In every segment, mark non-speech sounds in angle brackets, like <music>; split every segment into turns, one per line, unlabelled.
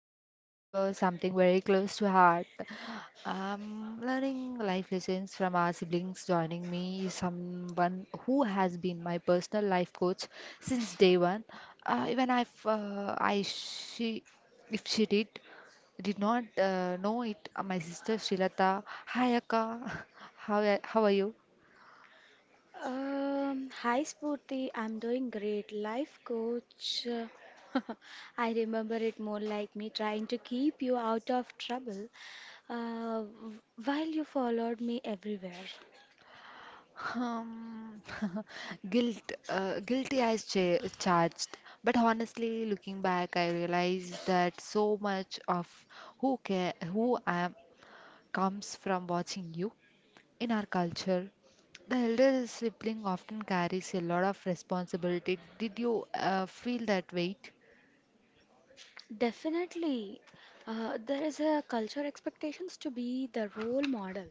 we are talking about something very close to heart. Learning life lessons from our siblings. Joining me is someone who has been my personal life coach since day one. Even if I she if she did not know it, my sister Shilata. Hi Akka, <laughs> how are you?
Hi Spurti, I'm doing great. Life coach. <laughs> I remember it more like me trying to keep you out of trouble while you followed me everywhere.
Um, <laughs> guilt, guilty as charged. But honestly, looking back, I realized that so much of who I am comes from watching you in our culture. The elder sibling often carries a lot of responsibility. Did you feel that weight?
Definitely. There is a culture expectations to be the role model,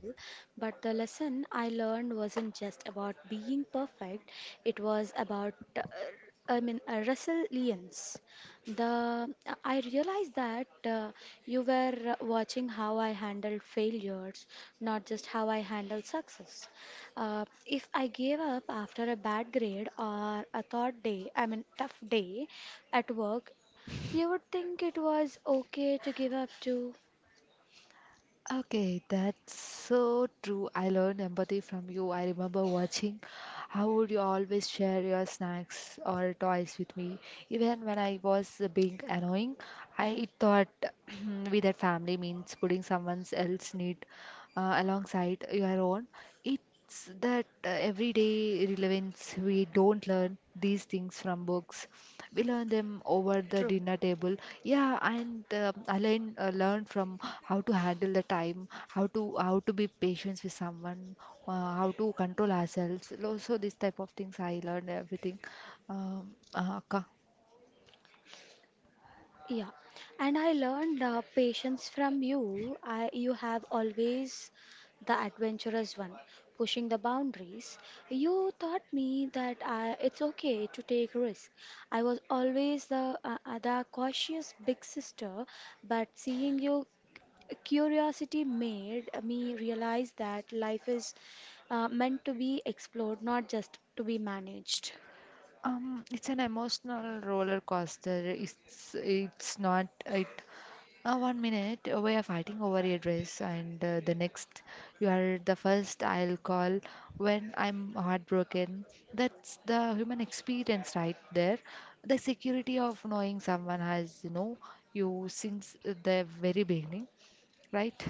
but the lesson I learned wasn't just about being perfect, it was about I mean resilience. The I realized that you were watching how I handled failures, not just how I handle success. If I gave up after a bad grade or a thought day, I mean tough day at work, you would think it was okay to give up too.
Okay, that's so true. I learned empathy from you. I remember watching how would you always share your snacks or toys with me. Even when I was being annoying, I thought <clears throat> with that family means putting someone else's need alongside your own. It's that everyday relevance. We don't learn these things from books, we learn them over the
True.
dinner table. Yeah, and I learn from how to handle the time, how to be patient with someone, how to control ourselves. So this type of things I learned everything. um, uh, ka-
Yeah, and I learned patience from you. You have always the adventurous one, pushing the boundaries. You taught me that it's okay to take risks. I was always the cautious big sister, but seeing you, curiosity made me realize that life is meant to be explored, not just to be managed.
it's an emotional roller coaster. It's it's not it 1 minute, we are fighting over your dress, and the next, you are the first I'll call when I'm heartbroken. That's the human experience right there. The security of knowing someone has, you know, you since the very beginning, right?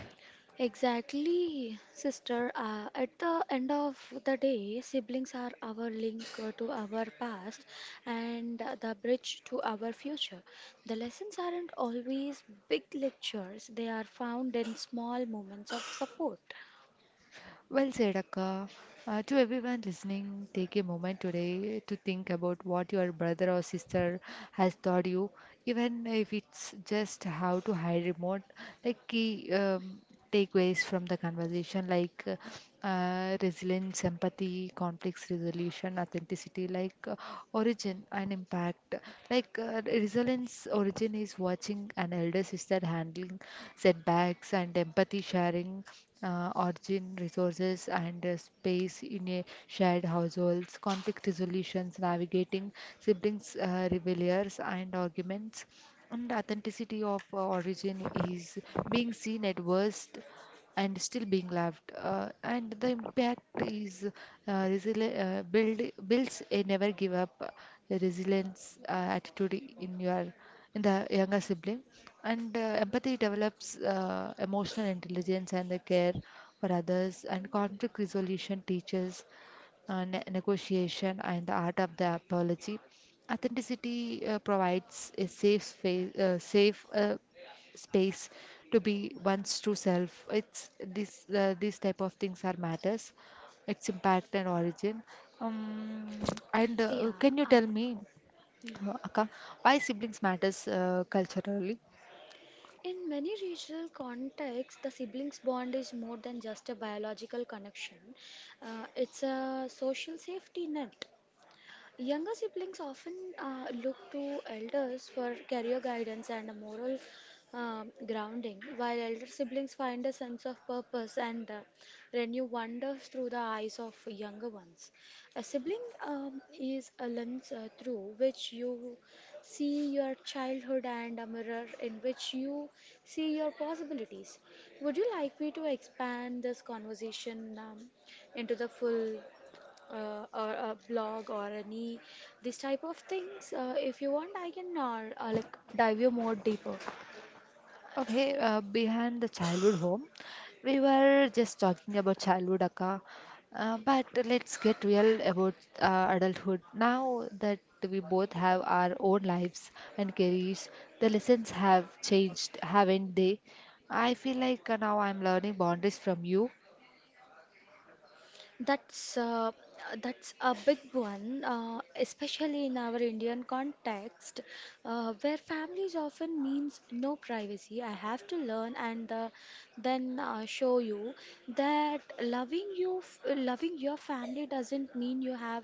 Exactly, sister. At the end of the day, siblings are our link to our past and the bridge to our future. The lessons aren't always big lectures, they are found in small moments of support.
Well said, Akka. To everyone listening, take a moment today to think about what your brother or sister has taught you, even if it's just how to hide remote. Like key takeaways from the conversation, like resilience, empathy, conflict resolution, authenticity, identity, like origin and impact. Like resilience origin is watching an elder sister handling setbacks, and empathy sharing origin resources and space in a shared households, conflict resolutions navigating siblings rebellions and arguments, and authenticity of origin is being seen at worst and still being loved. And the impact is builds a never give up resilience attitude in your, in the younger sibling. And empathy develops emotional intelligence and the care for others. And conflict resolution teaches negotiation, and the art of the apology. Authenticity provides a safe space to be one's true self. It's this these type of things are matters, its impact and origin. Um, and
Yeah.
Can you
Uh,
tell me, Akka, why siblings matters culturally?
in many regional contexts, the siblings bond is more than just a biological connection. It's a social safety net. Younger siblings often look to elders for career guidance and a moral grounding, while elder siblings find a sense of purpose and renew wonders through the eyes of younger ones. A sibling is a lens through which you see your childhood and a mirror in which you see your possibilities. Would you like me to expand this conversation into the full? Or a blog or any this type of things if you want I can like dive you more deeper.
Okay, behind the childhood home, we were just talking about childhood, Akka. But let's get real about adulthood. Now that we both have our own lives and careers, the lessons have changed, haven't they? I feel like now I'm learning boundaries from you.
That's uh, that's a big one, especially in our Indian context, where families often means no privacy. I have to learn and then show you that loving you, loving your family doesn't mean you have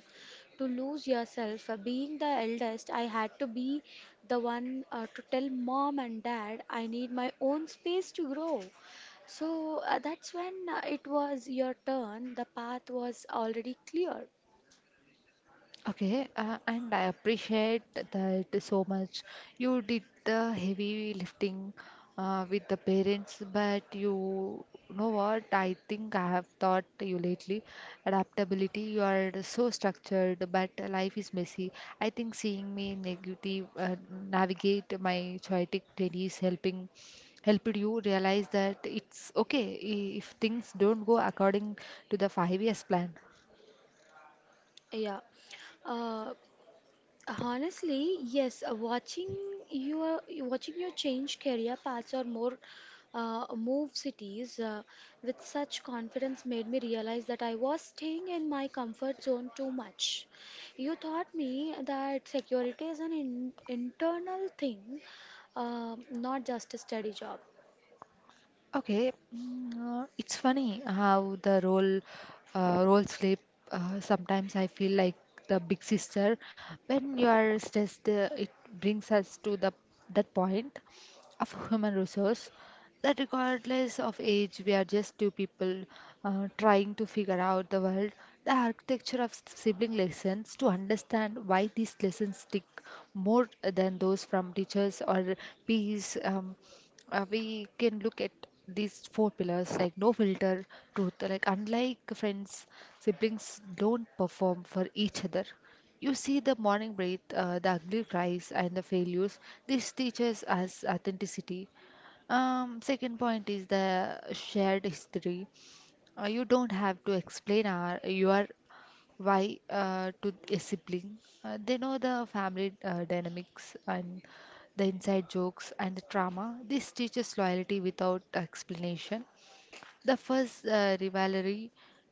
to lose yourself. Being the eldest, I had to be the one to tell mom and dad I need my own space to grow. So that's when it was your turn. The path was already clear.
Okay, and I appreciate that so much. You did the heavy lifting with the parents, but you know what? I think I have taught you lately adaptability. You are so structured, but life is messy. I think seeing me negative navigate my chaotic days helping helped you realize that it's okay if things don't go according to the 5 years plan.
Yeah. Uh, honestly, yes. Watching your change career paths or more move cities with such confidence made me realize that I was staying in my comfort zone too much. You taught me that security is an in internal thing, not just a steady job.
Okay, mm, it's funny how the role slip. Sometimes I feel like the big sister. When you are stressed, it brings us to the that point of <laughs> human resource, that regardless of age, we are just two people trying to figure out the world. The architecture of sibling lessons, to understand why these lessons stick more than those from teachers or peers. We can look at these four pillars, like no filter truth, like unlike friends, siblings don't perform for each other. You see the morning breath, the ugly cries and the failures. This teaches us authenticity. Second point is the shared history. You don't have to explain your why to a sibling. They know the family dynamics and the inside jokes and the trauma. This teaches loyalty without explanation. The first rivalry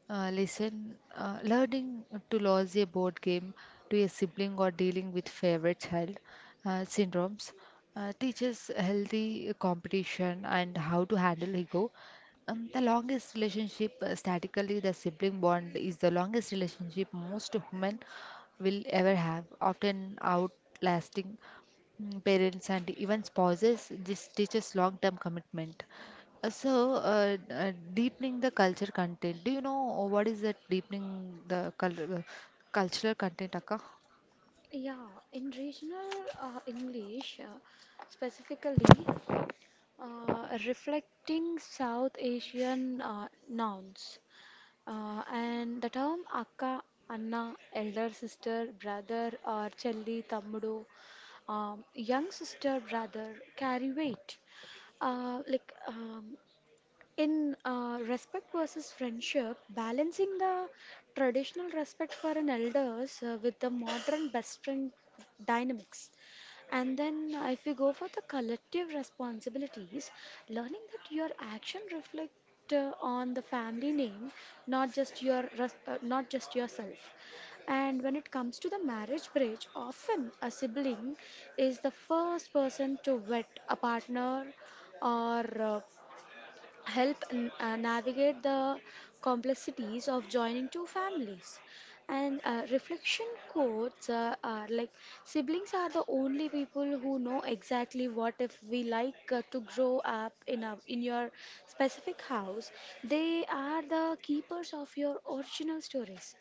lesson, learning to lose a board game to a sibling, or dealing with favorite child syndromes, teaches healthy competition and how to handle ego. The longest relationship, statically, the sibling bond is the longest relationship most women will ever have, often outlasting mm, parents and even spouses. This teaches long term commitment. So deepening the culture content. Do you know what is that deepening the cultural content, Akka?
Yeah, in regional English, specifically reflecting South Asian nouns, and the term akka, anna, elder sister, brother, or chelli, tammudu, young sister, brother, carry weight. Like in respect versus friendship, balancing the traditional respect for an elders with the modern best friend dynamics. And then, if we go for the collective responsibilities, learning that your action reflect on the family name, not just not just yourself. And when it comes to the marriage bridge, often a sibling is the first person to vet a partner or help navigate the complexities of joining two families. And reflection quotes are like siblings are the only people who know exactly what if we like to grow up in your specific house. They are the keepers of your original stories.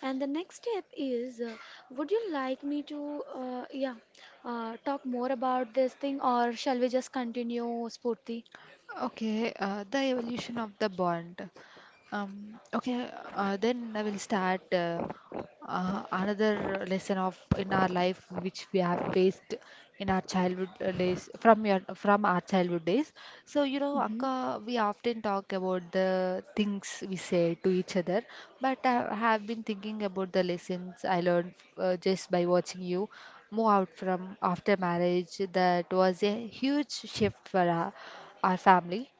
And the next step is, would you like me to yeah, talk more about this thing, or shall we just continue, Spurti?
Okay, the evolution of the bond. Okay, then I will start. Another lesson of in our life which we have faced in our childhood days from our childhood days. So you know
Hmm.
Akka, we often talk about the things we say to each other, but I have been thinking about the lessons I learned just by watching you move out from after marriage. That was a huge shift for our family.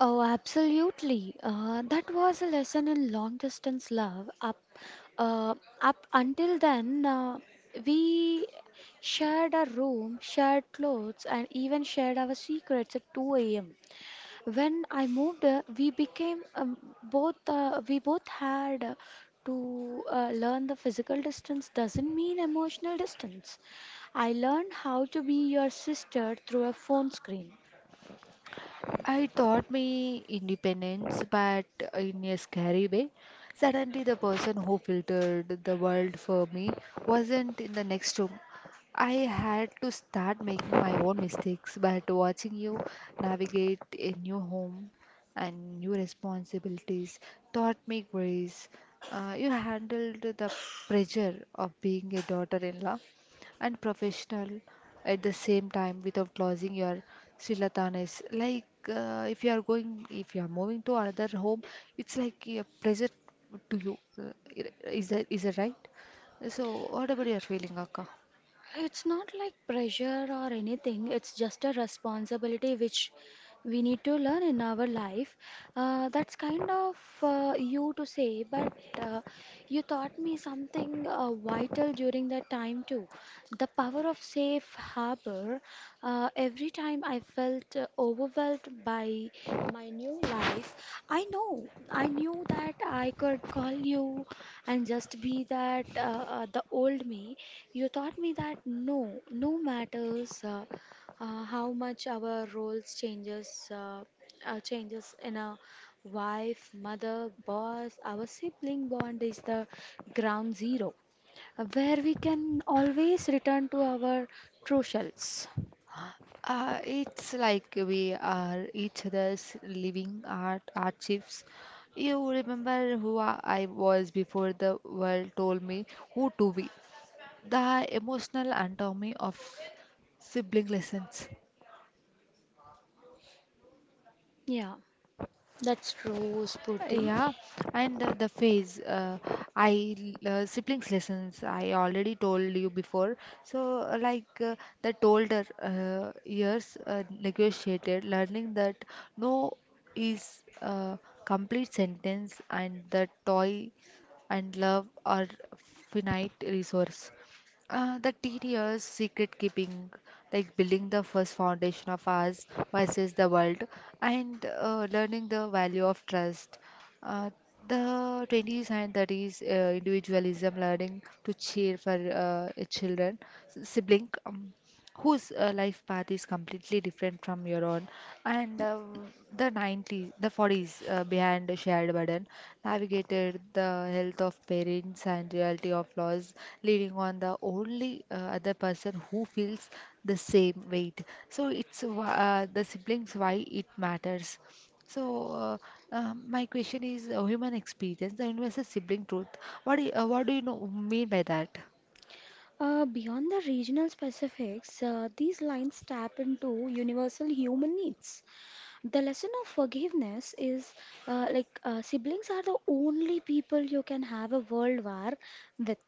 Oh, absolutely. That was a lesson in long distance love. Uh, up until then, we shared a room, shared clothes, and even shared our secrets at 2 a.m. When I moved, we became both. We both had to learn the physical distance doesn't mean emotional distance. I learned how to be your sister through a phone screen.
I taught me independence, but in a scary way. Suddenly, the person who filtered the world for me wasn't in the next room. I had to start making my own mistakes, but watching you navigate a new home and new responsibilities taught me grace. You handled the pressure of being a daughter-in-law and professional at the same time without losing your srilatanis. Like if you are moving to another home, it's like a pressure to you. Is that right? So what about your feeling, Akka?
It's not like pressure or anything, it's just a responsibility which we need to learn in our life. That's kind of you to say, but uh, you taught me something vital during that time too. The power of safe harbor. Every time I felt overwhelmed by my new life, I knew that I could call you and just be that the old me. You taught me that no matters how much our roles changes changes in a wife, mother, boss, our sibling bond is the ground zero where we can always return to our true selves.
It's like we are each other's living art archives. You remember who I was before the world told me who to be. The emotional anatomy of sibling lessons.
Yeah, that's true, Spurti.
Yeah, and the siblings lessons I already told you before. So uh, like uh, that older years negotiated, learning that no is a complete sentence, and the toy and love are finite resource. The teen years, secret keeping, like building the first foundation of ours versus the world, and learning the value of trust. Uh, the 20s and 30s, individualism, learning to cheer for sibling. Whose life path is completely different from your own. And the 90s, the 40s, behind the shared burden, navigated the health of parents and reality of loss, leading on the only other person who feels the same weight. So it's the siblings why it matters. so uh, my question is, human experience, the universal sibling truth, what do you, mean by that?
Beyond the regional specifics, these lines tap into universal human needs. The lesson of forgiveness is like siblings are the only people you can have a world war with.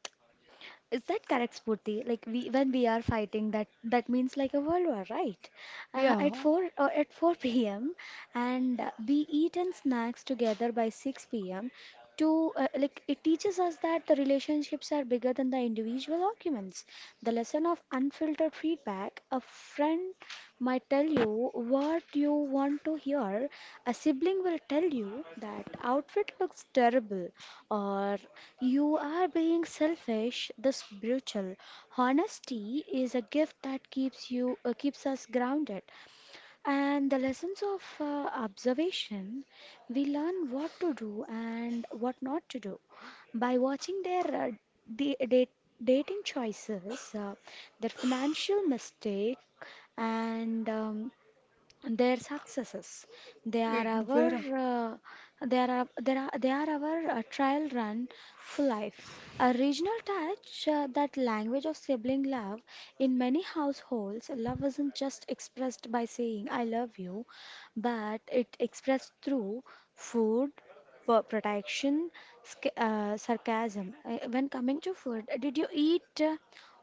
Is that correct, Spurti? Like we When we are fighting, that means like a world war, right? Uh,
Yeah,
at four or at four <laughs> p.m. and we eat and snacks together by six p.m. To Like it teaches us that the relationships are bigger than the individual arguments. The lesson of unfiltered feedback, a friend might tell you what you want to hear. A sibling will tell you that outfit looks terrible or you are being selfish. The spiritual honesty is a gift that keeps us grounded. And the lessons of observation, we learn what to do and what not to do by watching their da- da- dating choices, their financial mistake, and their successes. They are
it
our,
where.
uh, they are our trial run for life. A regional touch, that language of sibling love. In many households, love isn't just expressed by saying "I love you," but it expressed through food, protection, sarcasm. When coming to food, did you eat? uh,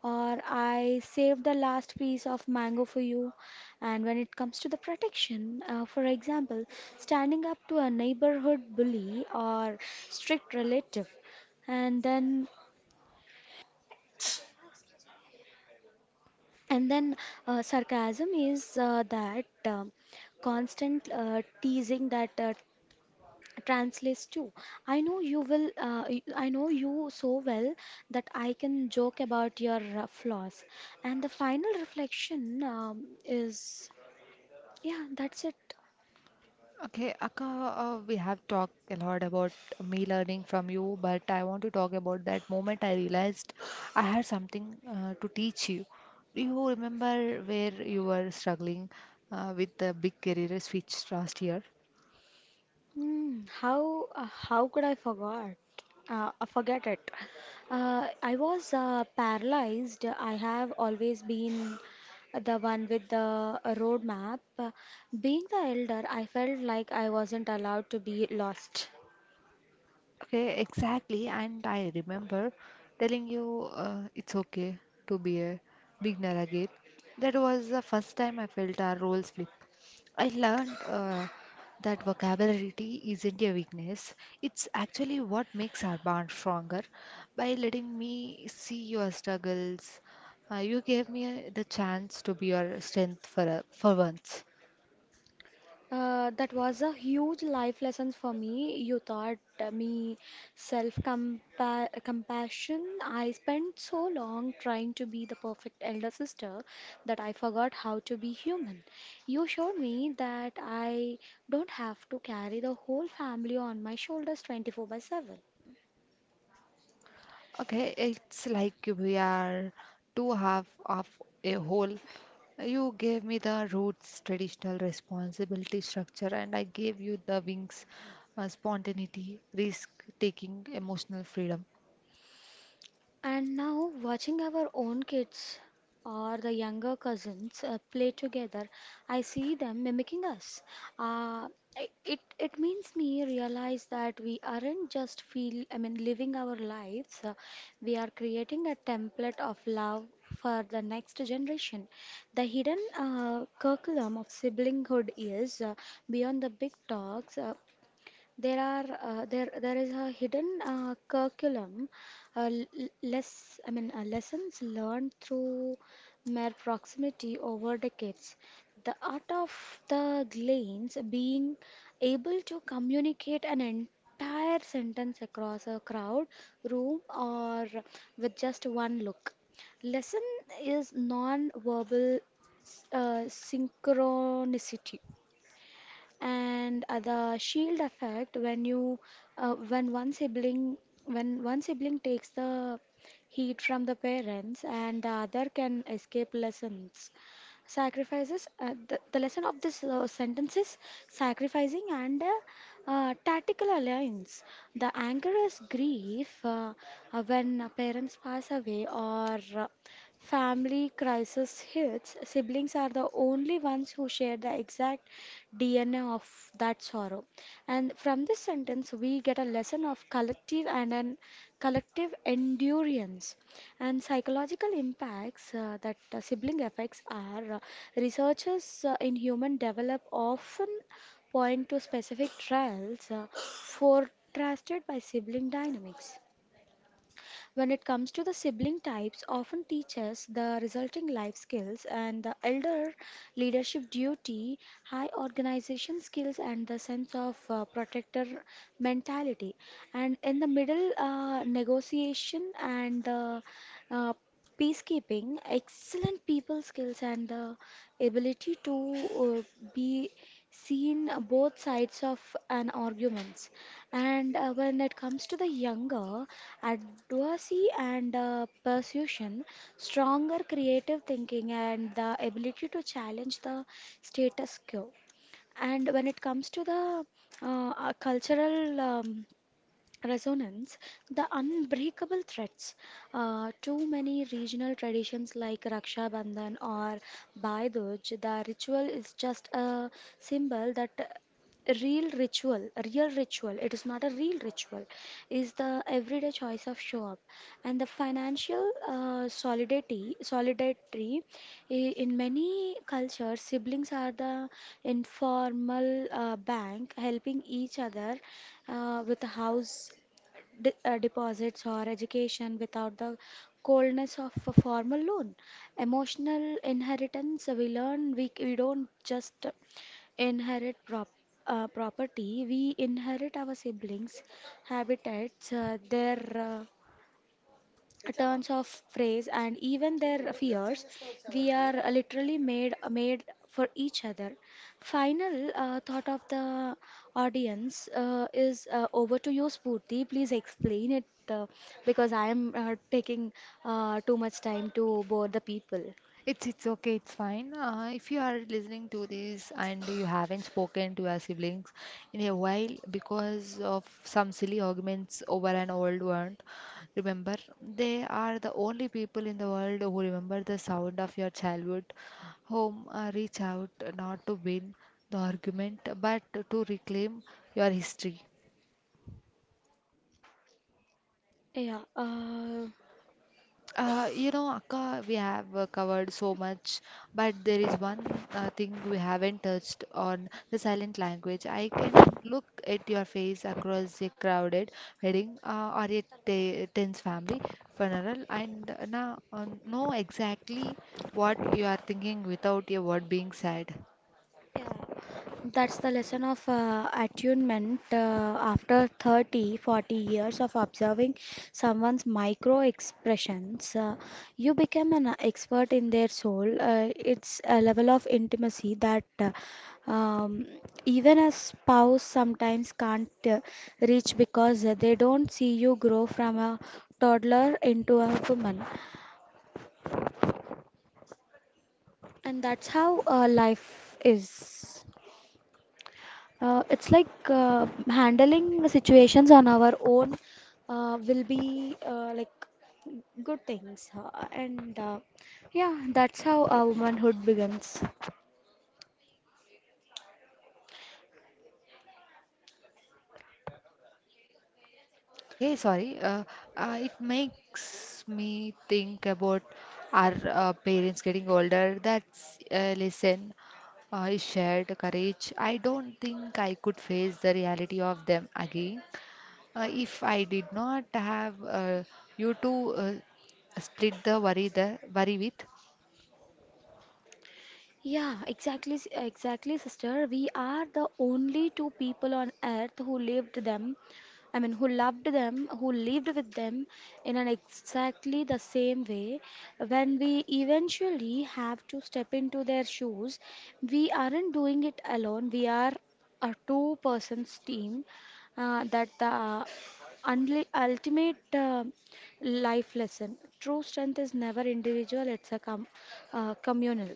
Or I saved the last piece of mango for you. And when it comes to the protection, for example, standing up to a neighborhood bully or strict relative, and then and then sarcasm is that constant teasing that translates to I know you so well that I can joke about your flaws. And the final reflection is yeah, that's it.
Okay, Akka, we have talked a lot about me learning from you, but I want to talk about that moment I realized I had something to teach you. Do you remember where you were struggling with the big career switch last year?
Hmm, how could I forgot? Forget it. I was paralyzed. I have always been the one with the roadmap. Being the elder, I felt like I wasn't allowed to be lost.
Okay, exactly. And I remember telling you it's okay to be a beginner again. That was the first time I felt a role slip. I learned that vocabulary isn't a weakness, it's actually what makes our bond stronger. By letting me see your struggles, you gave me the chance to be your strength for once.
That was a huge life lesson for me. You taught me self-compassion. I spent so long trying to be the perfect elder sister that I forgot how to be human. You showed me that I don't have to carry the whole family on my shoulders 24 by 7.
Okay, it's like we are two half of a whole. You gave me the roots, traditional responsibility structure, and I gave you the wings, spontaneity, risk taking, emotional freedom.
And now, watching our own kids or the younger cousins play together, I see them mimicking us. Uh, i- it it means me realize that we aren't just feel I mean living our lives. We are creating a template of love for the next generation. The hidden curriculum of siblinghood is beyond the big talks. There are there there is a hidden curriculum, l- l- less I mean lessons learned through mere proximity over decades. The art of the Glens being able to communicate an entire sentence across a crowd, room, or with just one look. Lesson is non-verbal synchronicity and the shield effect uh, when one sibling when one sibling takes the heat from the parents and the other can escape. Lessons, sacrifices, the lesson of this sentence is sacrificing and tactical alliance. The anger is grief. When parents pass away or family crisis hits, siblings are the only ones who share the exact DNA of that sorrow. And from this sentence, we get a lesson of collective and an collective endurance and psychological impacts that sibling effects are researchers in human develop often point to specific trials forecasted by sibling dynamics. When it comes to the sibling types, often teaches the resulting life skills and the elder leadership duty, high organization skills, and the sense of protector mentality. And in the middle, negotiation and uh, peacekeeping, excellent people skills, and the ability to be seen both sides of an arguments. And when it comes to the younger, advocacy and persuasion, stronger creative thinking, and the ability to challenge the status quo. And when it comes to the cultural resonance, the unbreakable threads. Too many regional traditions like Raksha Bandhan or Bhai Dooj, the ritual is just a symbol that real ritual, it is not a real ritual, is the everyday choice of show up. And the financial solidarity in many cultures, siblings are the informal bank helping each other with a house deposits or education without the coldness of a formal loan. Emotional inheritance, we learn we, c- we don't just inherit property. We inherit our siblings' habitats, their turns of phrase and even their fears. We are literally made for each other. Final thought of the audience is, over to you, Spurti, please explain it, because I am taking too much time to bore the people.
It's okay, it's fine. If you are listening to this and you haven't spoken to your siblings in a while because of some silly arguments over an old one, remember, they are the only people in the world who remember the sound of your childhood home. Reach out not to win the argument, but to reclaim your history.
Yeah.
You know, Akka, we have covered so much, but there is one thing we haven't touched on: the silent language. I can look at your face across a crowded wedding or a te tense family funeral, and now know exactly what you are thinking without a word being said.
Yeah, that's the lesson of attunement. After 30, 40 years of observing someone's micro expressions, you become an expert in their soul. It's a level of intimacy that um, even a spouse sometimes can't reach because they don't see you grow from a toddler into a woman. And that's how life is. It's like handling situations on our own will be like good things, and yeah, that's how our womanhood begins.
Okay, sorry. It makes me think about our parents getting older. That's listen, is shared courage. I don't think I could face the reality of them again if I did not have you to split the worry with.
Yeah, exactly, exactly, sister. We are the only two people on earth who lived them. I mean, who loved them, who lived with them in an exactly the same way. When we eventually have to step into their shoes, we aren't doing it alone. We are a two persons team, that the unli ultimate life lesson. True strength is never individual, it's a com communal.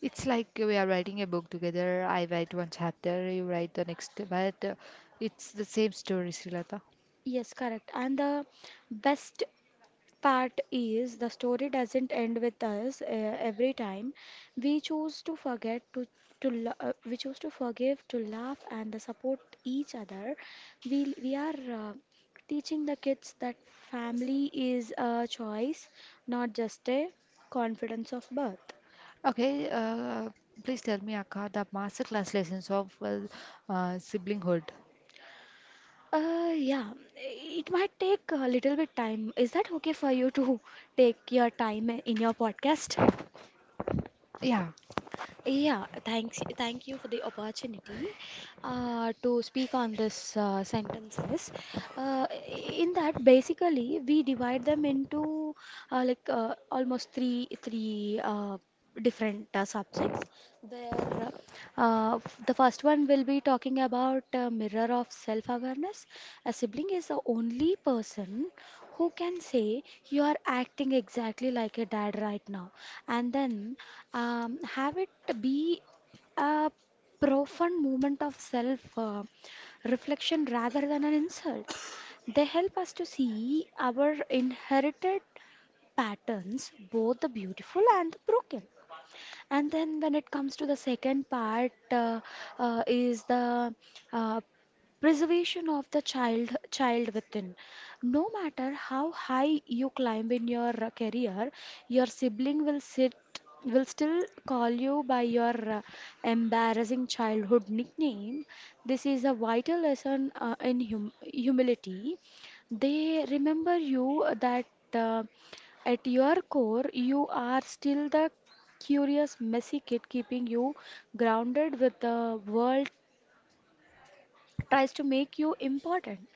It's like we are writing a book together. I write one chapter, you write the next, but it's the same story, Srilata.
Yes, correct. And the best part is the story doesn't end with us, every time. We choose to forget to we choose to forgive, to laugh, and the support each other. We are teaching the kids that family is a choice, not just a confidence of birth.
Okay, please tell me, Akka, the masterclass lessons of well, siblinghood.
Yeah, it might take a little bit time. Is that okay for you to <laughs> take your time in your podcast?
Yeah.
Yeah, thanks. Thank you for the opportunity to speak on this sentences. Uh, in that, basically, we divide them into almost three different subjects. There, the first one will be talking about mirror of self-awareness. A sibling is the only person who can say you are acting exactly like a dad right now, and then have it be a profound moment of self reflection rather than an insult. They help us to see our inherited patterns, both the beautiful and the broken. And then when it comes to the second part, is the uh, preservation of the child within. No matter how high you climb in your career, your sibling will sit will still call you by your embarrassing childhood nickname. This is a vital lesson in humility. They remember you that uh, at your core, you are still the curious, messy kid, keeping you grounded with the world tries to make you important.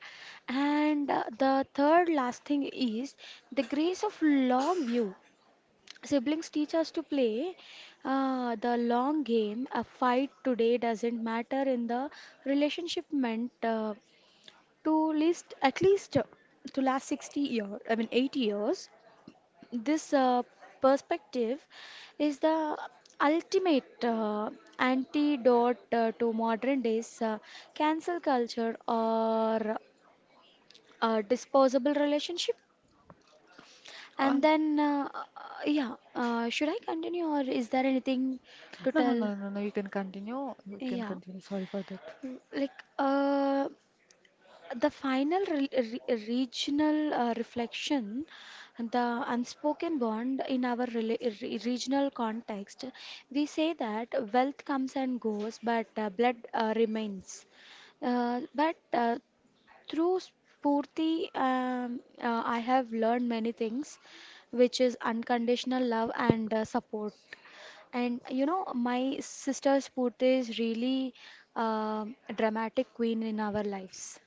And the third last thing is the grace of long view. Siblings teach us to play the long game. A fight today doesn't matter in the relationship meant to list at least, to last 60 years, I mean 80 years. This perspective is the ultimate antidote to modern days cancel culture or disposable relationship. And
Um,
then Yeah, should I continue or is there anything to
no, no,
tell?
no, no, no. You can continue. You can
Yeah.
continue. Sorry for that.
Mm, like uh The final re re regional reflection, the unspoken bond in our rela re regional context, we say that wealth comes and goes, but blood remains. But Through Spurti, I have learned many things, which is unconditional love and support. And you know, my sister Spurti is really dramatic queen in our lives.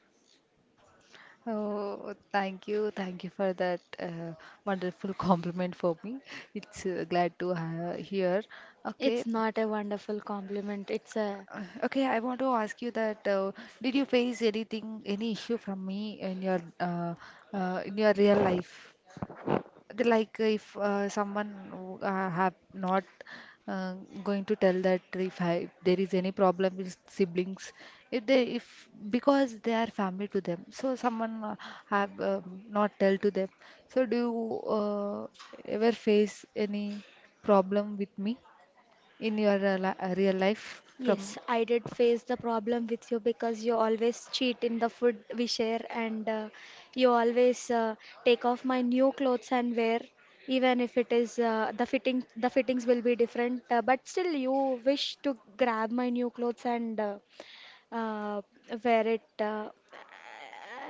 Oh, thank you for that wonderful <laughs> compliment for me. It's glad to ha hear. Okay,
It's not a wonderful compliment. It's a—
okay. I want to ask you that did you face anything, any issue from me in your real life? Like if someone have not uh, going to tell that if I, there is any problem with siblings, if they if because they are family to them, so someone have not tell to them. So do you ever face any problem with me in your real life from?
Yes, I did face the problem with you because you always cheat in the food we share, and you always take off my new clothes and wear, even if it is the fitting. The fittings will be different, but still you wish to grab my new clothes and uh, where it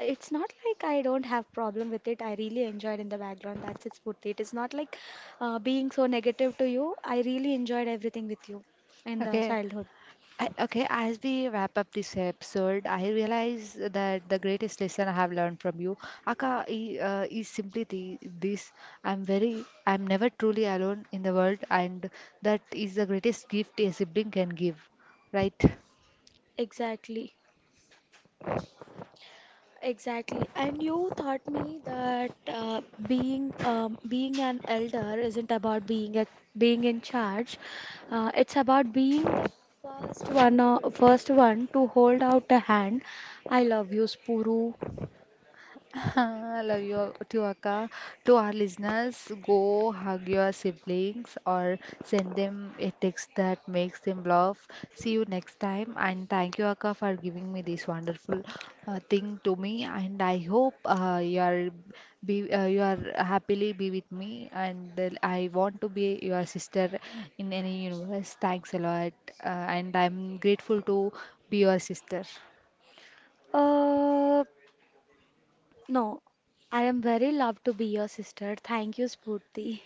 it's not like I don't have problem with it. I really enjoyed in the background. That's it, Spurti. It is not like being so negative to you. I really enjoyed everything with you in the
Okay,
childhood.
I, okay, as we wrap up this episode, I realize that the greatest lesson I have learned from you, Akka, is simply this: I'm never truly alone in the world, and that is the greatest gift a sibling can give, right?
Exactly. Exactly. And you taught me that being an elder isn't about being in charge. It's about being the first one to hold out a hand. I love you, Spuru.
<laughs> I love you to Akka. To our listeners, go hug your siblings or send them a text that makes them laugh. See you next time. And thank you, Akka, for giving me this wonderful thing to me. And I hope you are happily be with me. And I want to be your sister in any universe. Thanks a lot, uh, and I'm grateful to be your sister.
Uh, no, I am very loved to be your sister. Thank you, Spurti.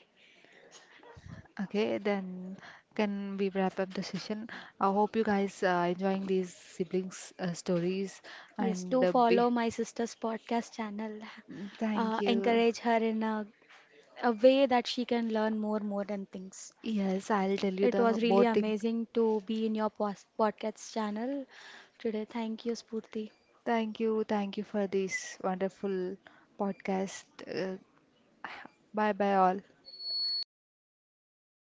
Okay, then can we wrap up the session? I hope you guys are enjoying these siblings stories,
Yes,
and
do follow
be
my sister's podcast channel.
thank you.
Encourage her in a way that she can learn more than things.
Yes, I'll tell you
It
the
was really
more thing.
amazing to be in your podcast channel today. Thank you, Spurti.
Thank you for this wonderful podcast. <sighs> Bye bye all.